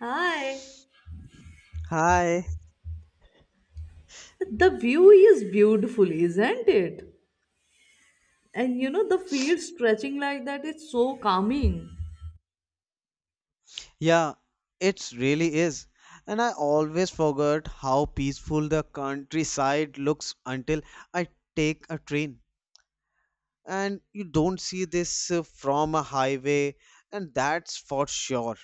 Hi. Hi. The view is beautiful, isn't it? And you know, the field stretching like that is so calming. Yeah, it really is. And I always forget how peaceful the countryside looks until I take a train. And you don't see this from a highway, and that's for sure.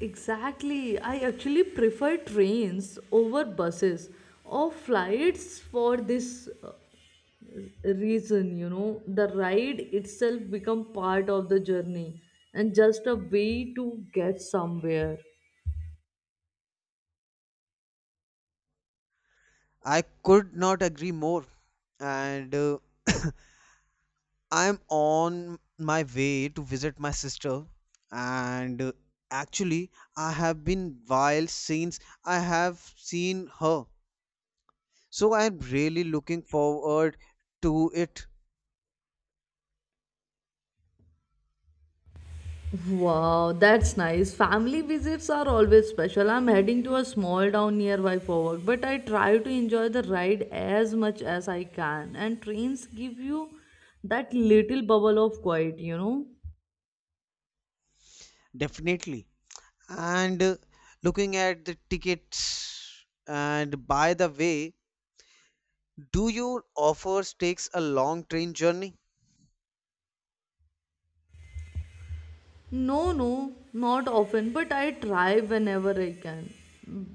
Exactly. I actually prefer trains over buses or flights for this reason, you know. The ride itself become part of the journey and just a way to get somewhere. I could not agree more. And I'm on my way to visit my sister, and actually, I have been while since I have seen her. So I'm really looking forward to it, Wow, that's nice. Family visits are always special. I'm heading to a small town nearby for work, but I try to enjoy the ride as much as I can. And trains give you that little bubble of quiet, you know? definitely. And looking at the tickets, and by the way, do your offers takes a long train journey? No, no, not often, but I try whenever I can.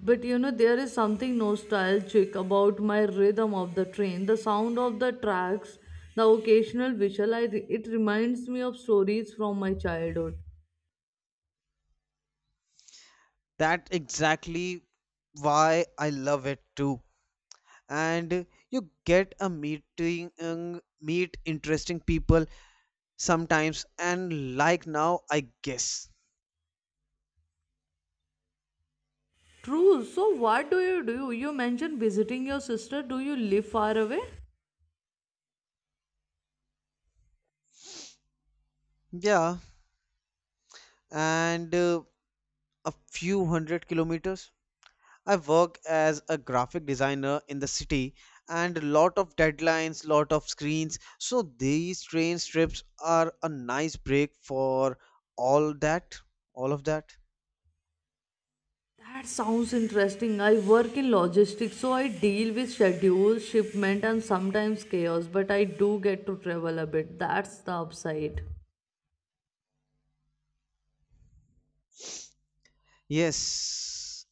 But you know, there is something nostalgic about my rhythm of the train, the sound of the tracks, the occasional whistle. It reminds me of stories from my childhood. That exactly why I love it too. And you get a meeting, meet interesting people sometimes, and like now, I guess. True. So what do? You mentioned visiting your sister. Do you live far away? Yeah, and a few hundred kilometers. I work as a graphic designer in the city and lot of deadlines, lot of screens. So these train trips are a nice break for all that, all of that. That sounds interesting. I work in logistics, so I deal with schedules, shipment, and sometimes chaos, but I do get to travel a bit. That's the upside. Yes.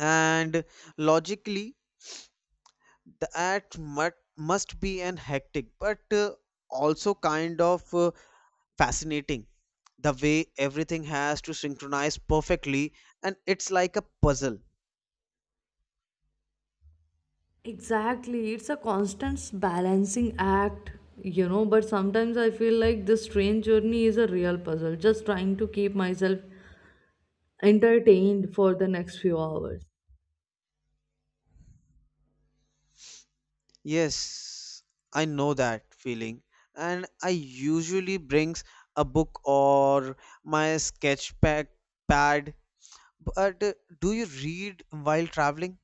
And logically, the must be an hectic, but also kind of fascinating. The way everything has to synchronize perfectly, and it's like a puzzle. Exactly. It's a constant balancing act, you know, but sometimes I feel like this train journey is a real puzzle, just trying to keep myself entertained for the next few hours. Yes, I know that feeling. And I usually brings a book or my sketch pack pad. But do you read while traveling?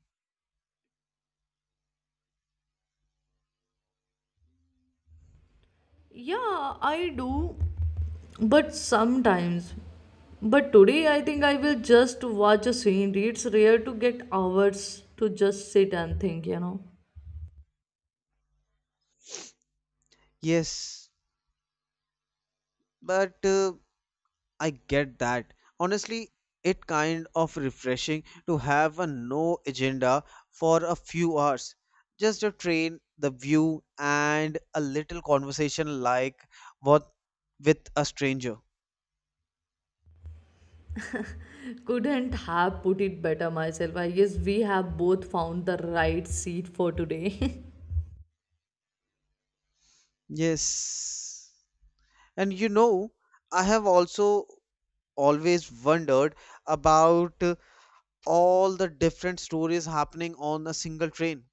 Yeah, I do. But sometimes, but today I think I will just watch a scenery. It's rare to get hours to just sit and think, you know. Yes, but I get that. Honestly, it kind of refreshing to have a no agenda for a few hours. Just a train, the view, and a little conversation like what with a stranger. Couldn't have put it better myself. I guess we have both found the right seat for today. Yes. And you know, I have also always wondered about all the different stories happening on a single train.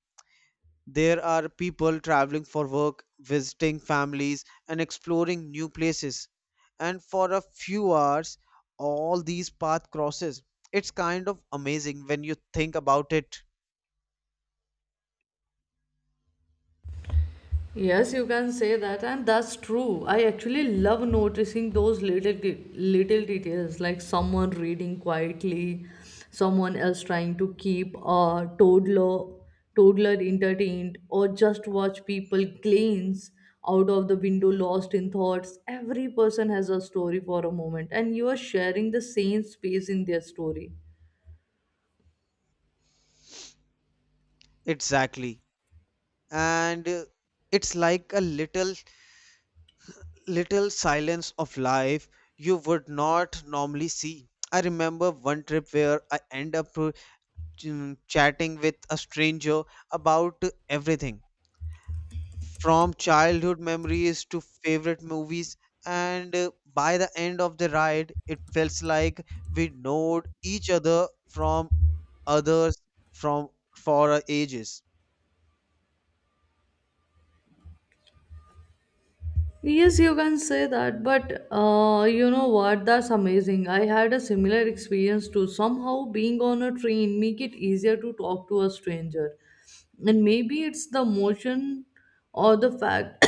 There are people traveling for work, visiting families, and exploring new places. And for a few hours, all these path crosses. It's kind of amazing when you think about it Yes, you can say that, and that's true. I actually love noticing those little details, like someone reading quietly, someone else trying to keep a toddler entertained, or just watch people glance out of the window, lost in thoughts. Every person has a story for a moment, and you are sharing the same space in their story. exactly. And it's like a little silence of life you would not normally see. I remember one trip where I end up ch- chatting with a stranger about everything from childhood memories to favorite movies and by the end of the ride it felt like we knowed each other from others from for ages. Yes, you can say that, but you know what? That's amazing. I had a similar experience too. Somehow, being on a train make it easier to talk to a stranger, and maybe it's the motion or the fact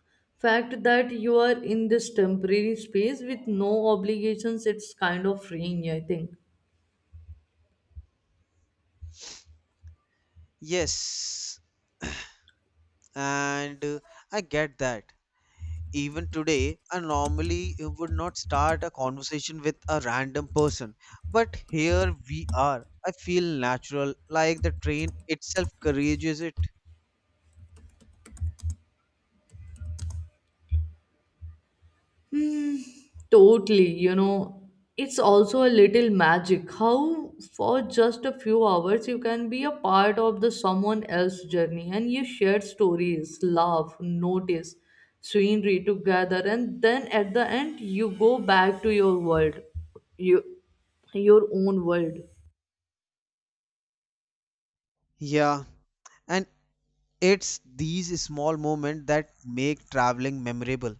fact that you are in this temporary space with no obligations. It's kind of freeing, I think. Yes, and I get that. Even today I normally would not start a conversation with a random person, but here we are, I feel natural, like the train itself courageous it. Totally, you know, it's also a little magic how for just a few hours you can be a part of the someone else's journey and you share stories, laugh, notice scenery together and then at the end you go back to your world, you, your own world. Yeah, and it's these small moments that make traveling memorable.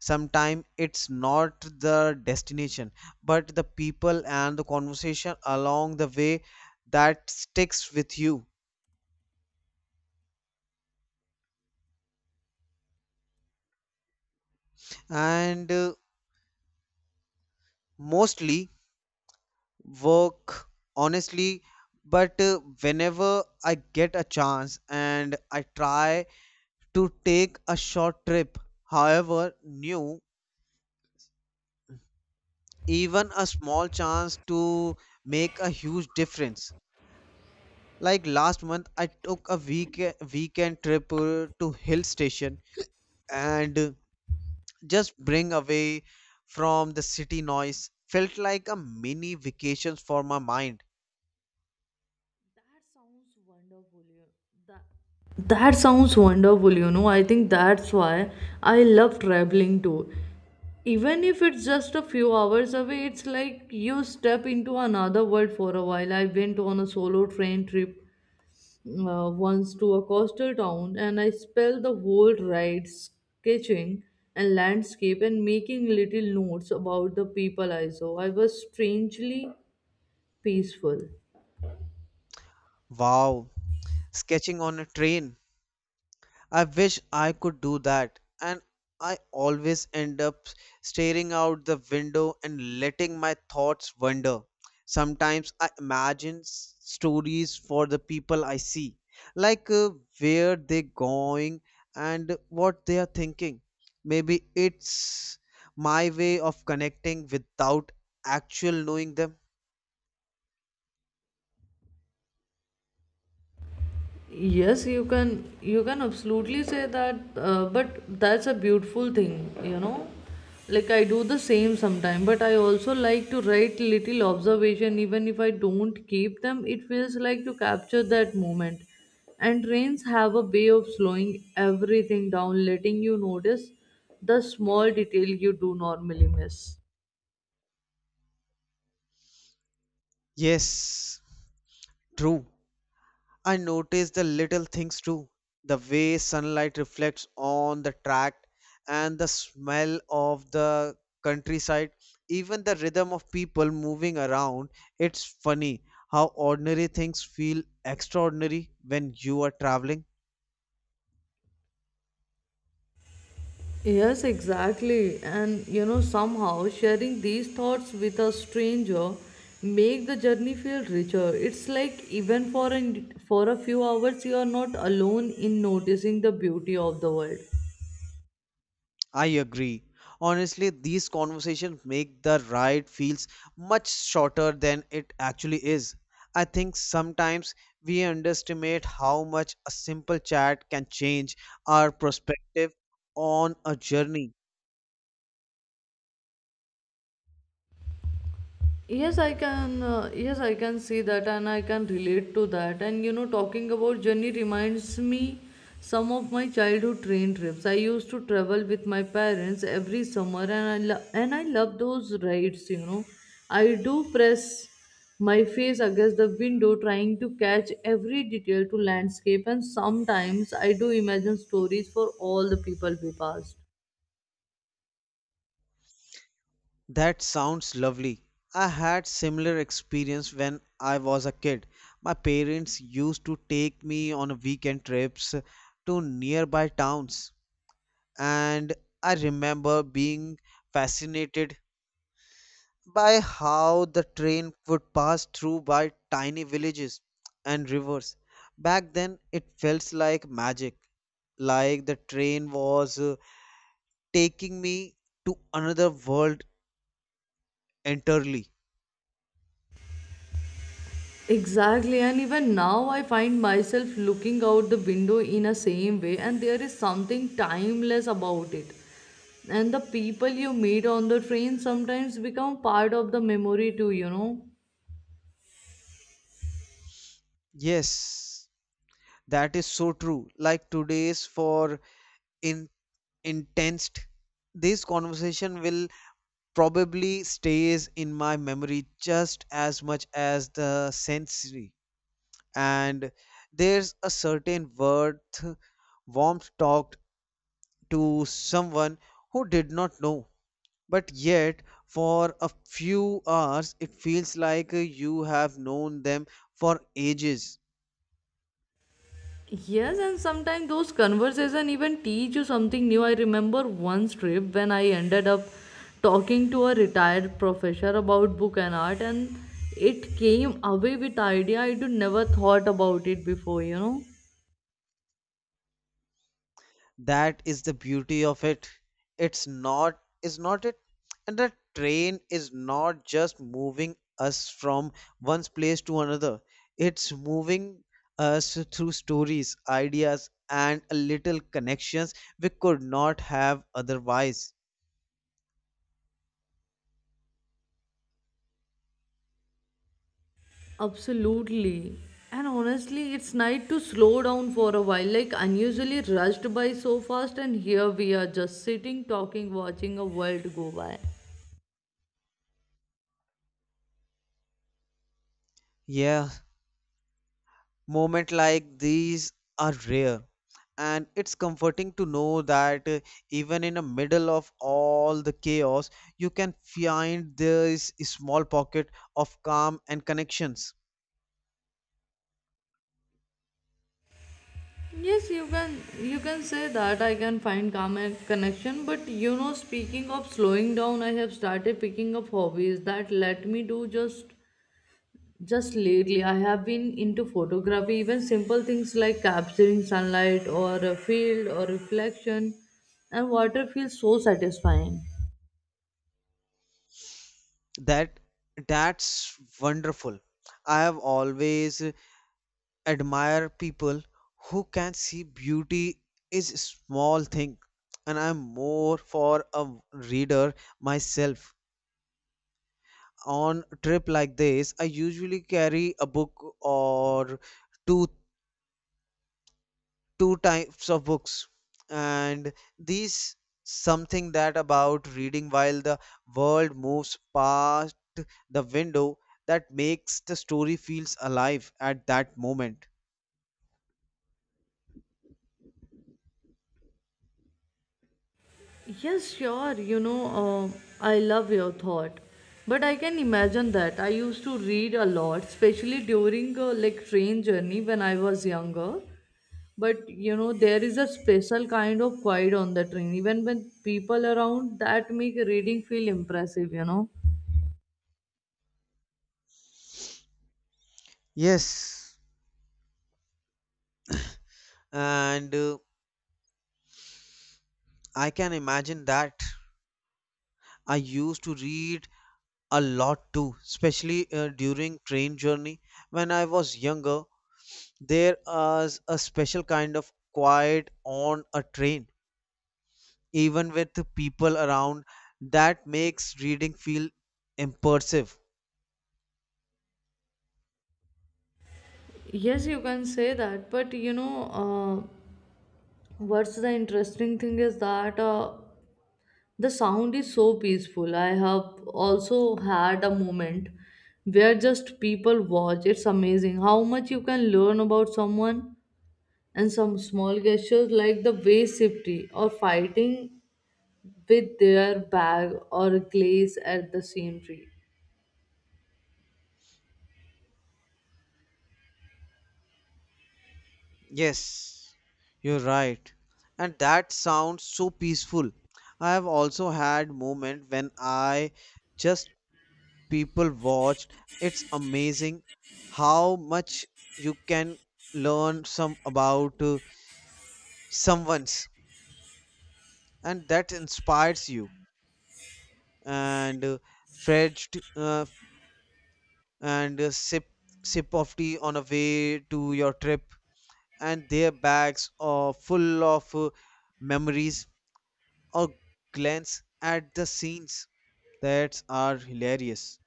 Sometimes it's not the destination but the people and the conversation along the way that sticks with you, and mostly work honestly, but whenever I get a chance and I try to take a short trip however new, even a small chance to make a huge difference. Like last month I took a weekend trip to hill station, and just bring away from the city noise felt like a mini vacations for my mind. That sounds wonderful. You that That sounds wonderful. You know, I think that's why I love traveling too. Even if it's just a few hours away, it's like you step into another world for a while. I went on a solo train trip once to a coastal town, and I spent the whole ride sketching and landscape and making little notes about the people I saw. I was strangely peaceful. Wow, sketching on a train, I wish I could do that, and I always end up staring out the window and letting my thoughts wander. Sometimes I imagine stories for the people I see, like where they're going and what they are thinking. Maybe it's my way of connecting without actual knowing them. Yes, you can absolutely say that, but that's a beautiful thing, you know. Like I do the same sometime, but I also like to write little observation even if I don't keep them. It feels like to capture that moment. And trains have a way of slowing everything down, letting you notice the small detail you do normally miss. Yes, true. I notice the little things too, the way sunlight reflects on the tract and the smell of the countryside, even the rhythm of people moving around. It's funny how ordinary things feel extraordinary when you are traveling. Yes, exactly. And you know, somehow sharing these thoughts with a stranger make the journey feel richer. It's like for a few hours you are not alone in noticing the beauty of the world. I agree. Honestly, these conversations make the ride feels much shorter than it actually is. I think sometimes we underestimate how much a simple chat can change our perspective on a journey. Yes, I can yes I can see that and I can relate to that. And you know, talking about journey reminds me some of my childhood train trips. I used to travel with my parents every summer, and I love those rides, you know. I do press my face against the window trying to catch every detail to landscape, and sometimes I do imagine stories for all the people we passed. That sounds lovely. I had similar experience when I was a kid. My parents used to take me on weekend trips to nearby towns, and I remember being fascinated by how the train would pass through by tiny villages and rivers. Back then, it felt like magic, like the train was taking me to another world entirely. Exactly, and even now I find myself looking out the window in a same way, and there is something timeless about it. And the people you meet on the train sometimes become part of the memory too, you know. Yes, that is so true. Like today's for in intense, this conversation will probably stays in my memory just as much as the sensory, and there's a certain worth warmth talked to someone who did not know, but yet for a few hours it feels like you have known them for ages. Yes, and sometimes those conversation even teach you something new. I remember one trip when I ended up talking to a retired professor about book and art, and it came away with idea I do never thought about it before, you know. That is the beauty of it, it's not is not it, and the train is not just moving us from one place to another, it's moving us through stories, ideas, and a little connections we could not have otherwise. Absolutely. And honestly, it's nice to slow down for a while, like unusually rushed by so fast, and here we are just sitting, talking, watching a world go by. Yeah, moments like these are rare, and it's comforting to know that even in the middle of all the chaos, you can find this small pocket of calm and connections. Yes, you can say that I can find calm and connection, but you know, speaking of slowing down, I have started picking up hobbies that let me do just lately. I have been into photography, even simple things like capturing sunlight or a field or reflection, and water feels so satisfying. That that's wonderful. I have always admired people who can see beauty is a small thing, and I'm more for a reader myself. On trip like this I usually carry a book or two two types of books, and these something that about reading while the world moves past the window, that makes the story feels alive at that moment. Yes, sure, you know, I love your thought. But I can imagine that. I used to read a lot, especially during like train journey when I was younger. But you know, there is a special kind of quiet on the train, even when people around that make reading feel impressive, you know. Yes, and I can imagine that. I used to read a lot too, especially during train journey when I was younger. There is a special kind of quiet on a train, even with the people around, that makes reading feel immersive. Yes, you can say that, but you know, what's the interesting thing is that the sound is so peaceful. I have also had a moment where just people watch. It's amazing how much you can learn about someone and some small gestures like the way safety or fighting with their bag or glaze at the scenery. Yes, you're right. And that sounds so peaceful. I have also had moment when I just people watched. It's amazing how much you can learn some about someone's and that inspires you. And fetched and a sip of tea on the way to your trip, and their bags are full of memories or glance at the scenes that are hilarious.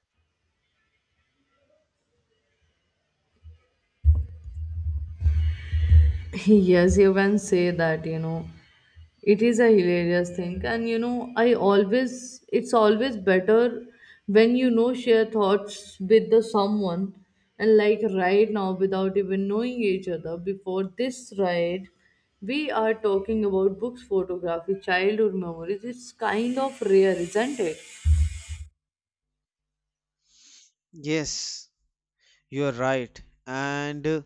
Yes, you can say that, you know. It is a hilarious thing, and you know, I always it's always better when you know share thoughts with the someone. And like right now, without even knowing each other before this ride, we are talking about books, photography, childhood memories. It's kind of rare, isn't it? Yes, you are right, and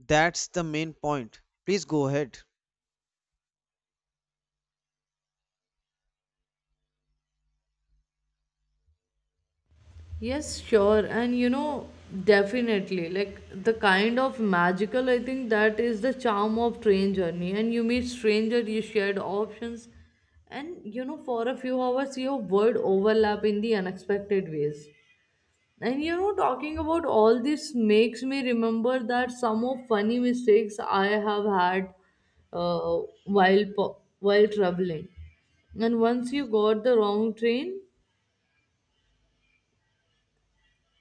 that's the main point, please go ahead. Yes, sure. And you know, definitely, like the kind of magical, I think that is the charm of train journey. And you meet stranger, you shared options, and you know, for a few hours, your world overlap in the unexpected ways. And you know, talking about all this makes me remember that some of funny mistakes I have had uh, while traveling. And once you got the wrong train,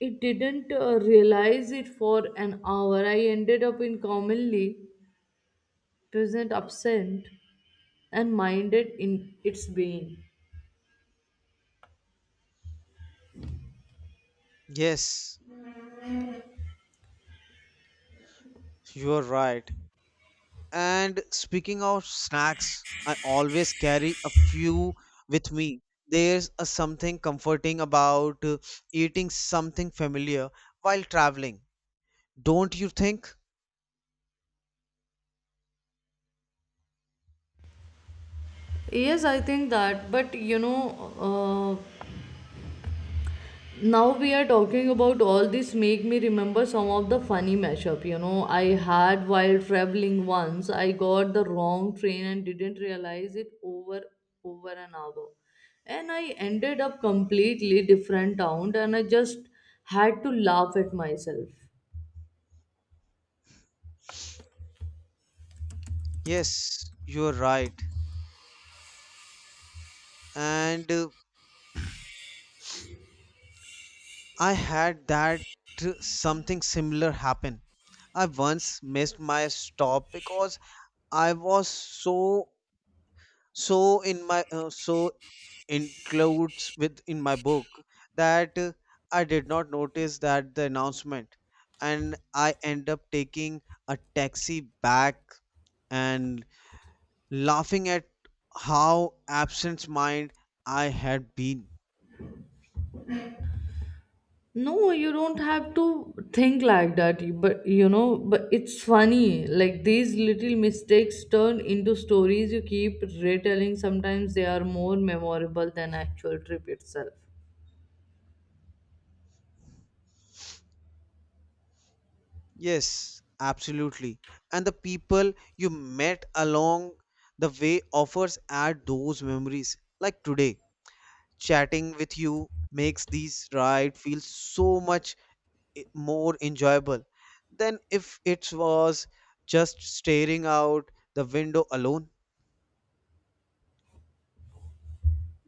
it didn't realize it for an hour. I ended up in commonly present absent and minded in its being. Yes, you are right. And speaking of snacks, I always carry a few with me. There's a something comforting about eating something familiar while traveling. Don't you think? Yes, I think that, but you know, now we are talking about all this make me remember some of the funny mashup, you know, I had while traveling. Once I got the wrong train and didn't realize it over an hour, and I ended up completely different town, and I just had to laugh at myself. Yes, you're right. And I had that something similar happen. I once missed my stop because I was so in my so includes with in my book that I did not notice that the announcement and I end up taking a taxi back and laughing at how absent mind I had been. No, you don't have to think like that. But you know, but it's funny. Like these little mistakes turn into stories you keep retelling. Sometimes they are more memorable than actual trip itself. Yes, absolutely. And the people you met along the way offers add those memories. Like today chatting with you makes these ride feel so much more enjoyable than if it was just staring out the window alone.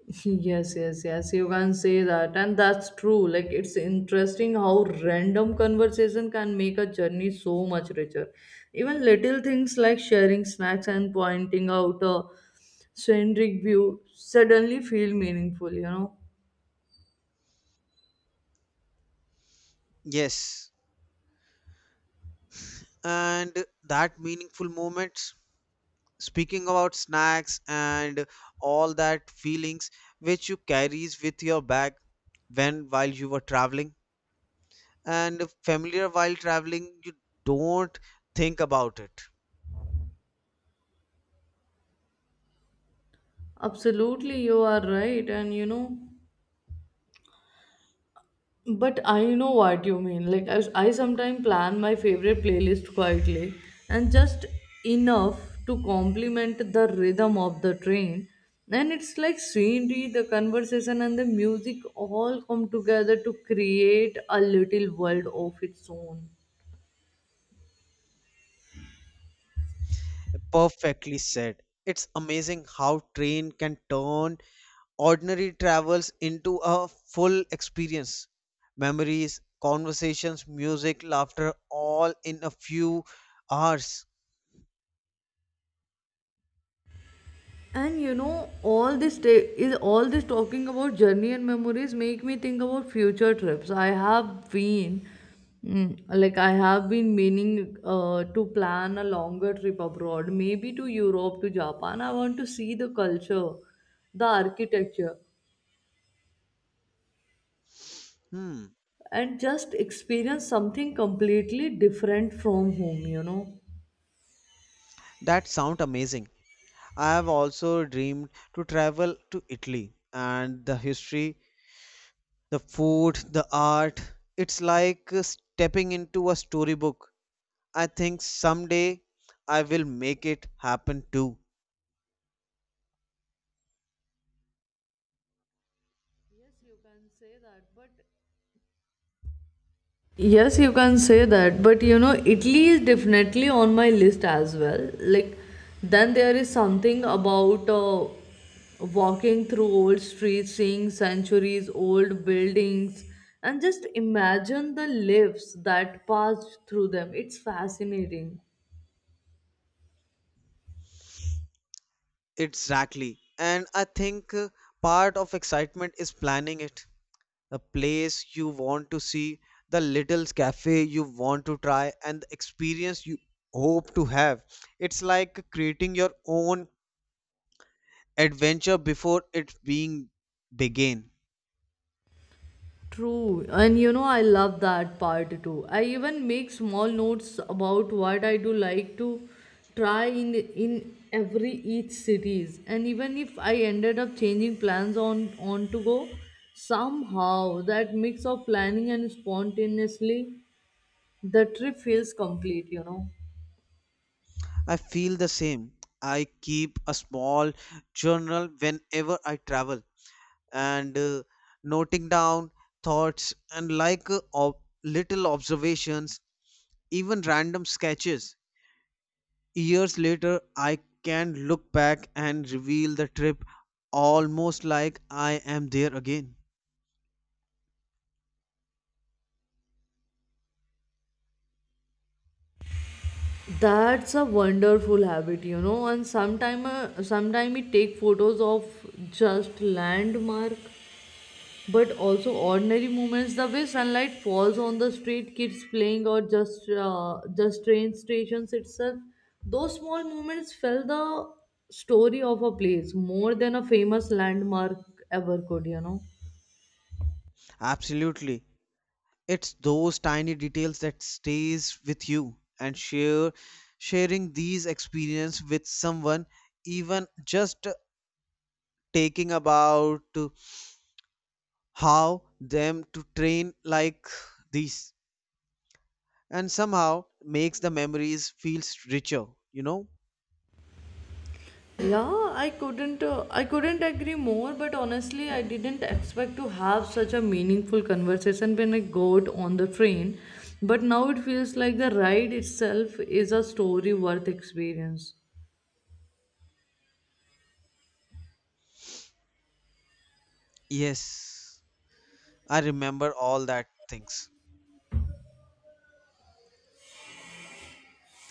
Yes, yes, yes. You can say that, and that's true. Like it's interesting how random conversation can make a journey so much richer. Even little things like sharing snacks and pointing out a scenic view suddenly feel meaningful. You know. Yes, and that meaningful moments, speaking about snacks and all that feelings which you carries with your bag when while you were traveling and familiar while traveling, you don't think about it. Absolutely, you are right. And you know, but I know what you mean. Like, I sometimes plan my favorite playlist quietly and just enough to complement the rhythm of the train. And it's like scenery, the conversation, and the music all come together to create a little world of its own. Perfectly said. It's amazing how train can turn ordinary travels into a full experience. Memories, conversations, music, laughter, all in a few hours. And you know, all this talking about journey and memories make me think about future trips. I have been, I have been meaning to plan a longer trip abroad, maybe to Europe, to Japan. I want to see the culture, the architecture, Hmm, and just experience something completely different from home. You know. that sounds amazing. I have also dreamed to travel to Italy, and the history, the food, the art. It's like stepping into a storybook. I think someday I will make it happen too. Yes, you can say that, but yes, you can say that, but you know, Italy is definitely on my list as well. Like, then there is something about walking through old streets, seeing centuries old buildings, and just imagine the lives that passed through them. It's fascinating. Exactly. And I think part of excitement is planning it. The place you want to see, the little cafe you want to try, and the experience you hope to have. It's like creating your own adventure before it being begin. True, and you know, I love that part too. I even make small notes about what I do like to try in every each cities. And even if I ended up changing plans on to go, somehow that mix of planning and spontaneously, the trip feels complete. You know. I feel the same. I keep a small journal whenever I travel and noting down thoughts and like little observations, even random sketches. Years later, I can look back and reveal the trip almost like I am there again. That's a wonderful habit, you know. And sometime, sometime we take photos of just landmark, but also ordinary moments, the way sunlight falls on the street, kids playing, or just train stations itself. Those small moments felt the story of a place more than a famous landmark ever could. You know. Absolutely. It's those tiny details that stays with you, and share sharing these experience with someone, even just taking about how them to train like these, and somehow makes the memories feels richer, you know? Yeah, I couldn't agree more. But honestly, I didn't expect to have such a meaningful conversation when I got on the train. But now it feels like the ride itself is a story worth experience. Yes. I remember all that things.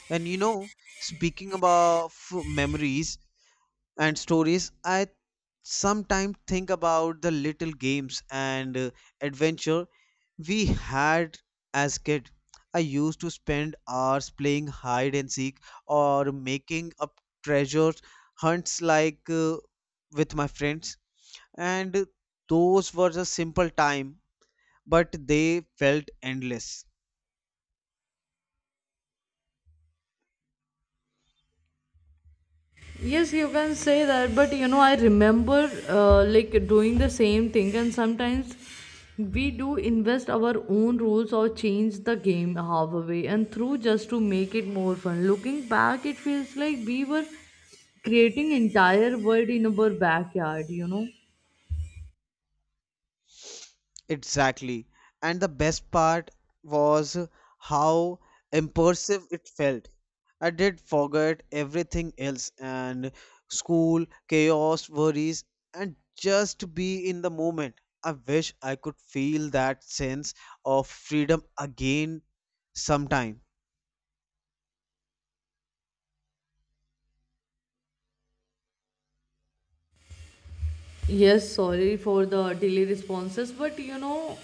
And you know, speaking about memories and stories, I sometimes think about the little games and adventure we had as kid. I used to spend hours playing hide and seek or making up treasure hunts like with my friends. And those were a simple time, but they felt endless. Yes, you can say that, but you know, I remember like doing the same thing, and sometimes we do invest our own rules or change the game halfway and through just to make it more fun. Looking back, it feels like we were creating entire world in our backyard. You know. Exactly. And the best part was how immersive it felt. I did forget everything else, and school, chaos, worries, and just be in the moment. I wish I could feel that sense of freedom again sometime. Yes, sorry for the delay responses, but you know,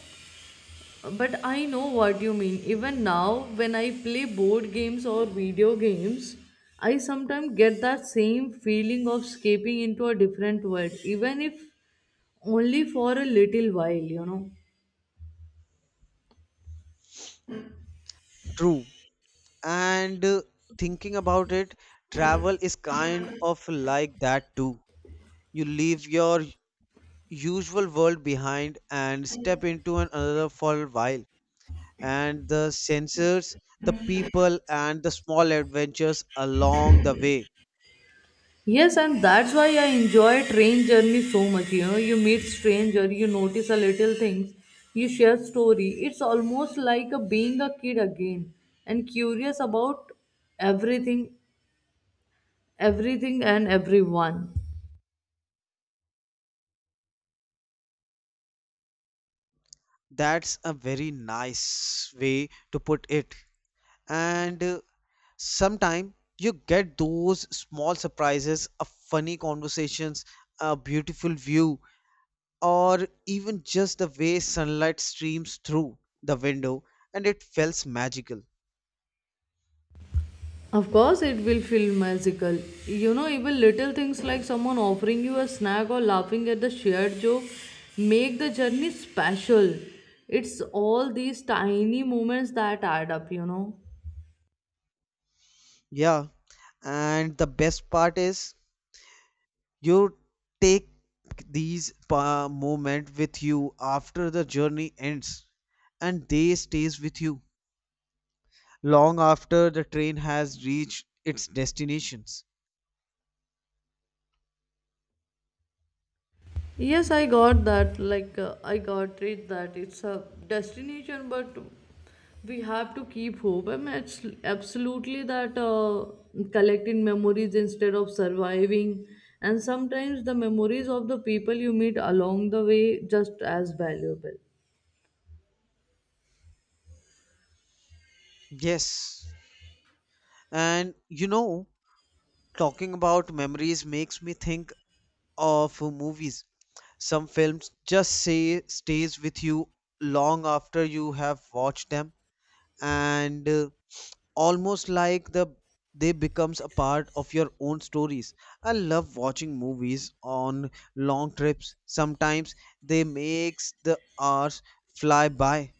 but I know what you mean. Even now, when I play board games or video games, I sometimes get that same feeling of escaping into a different world, even if only for a little while, you know. True. And thinking about it, travel is kind of like that too. You leave your usual world behind and step into another for a while, and the sensors, the people, and the small adventures along the way. Yes, and that's why I enjoy train journey so much. You know, you meet stranger, you notice a little things, you share story. It's almost like a being a kid again and curious about everything, and everyone. That's a very nice way to put it, and sometime you get those small surprises, a funny conversations, a beautiful view, or even just the way sunlight streams through the window, and it feels magical. Of course, it will feel magical. You know, even little things like someone offering you a snack or laughing at the shared joke make the journey special. It's all these tiny moments that add up, you know. Yeah, and the best part is you take these moment with you after the journey ends, and they stays with you long after the train has reached its destinations. Yes, I got that. Like, I got it that it's a destination, but we have to keep hope. I mean, it's absolutely that collecting memories instead of surviving. And sometimes the memories of the people you meet along the way just as valuable. Yes. And you know, talking about memories makes me think of movies. Some films just say stays with you long after you have watched them, and almost like the they becomes a part of your own stories. I love watching movies on long trips, sometimes they makes the hours fly by.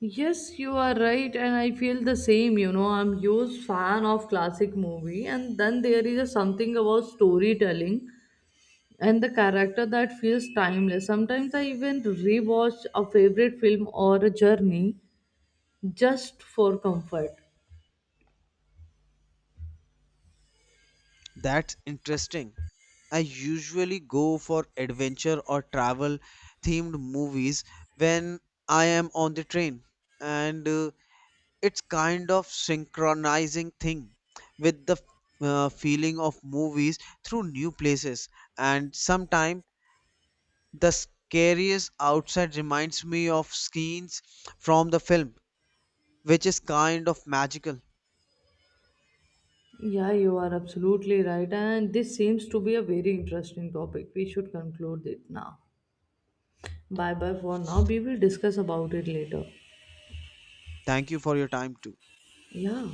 Yes, you are right, and I feel the same. You know, I'm huge fan of classic movie, and then there is a something about storytelling and the character that feels timeless. Sometimes I even rewatch a favorite film or a journey just for comfort. That's interesting. I usually go for adventure or travel themed movies when I am on the train, and it's kind of synchronizing thing with the feeling of movies through new places, and sometimes the scariest outside reminds me of scenes from the film, which is kind of magical. Yeah, you are absolutely right, and this seems to be a very interesting topic. We should conclude it now. Bye bye for now. We will discuss about it later. Thank you for your time too. Yeah.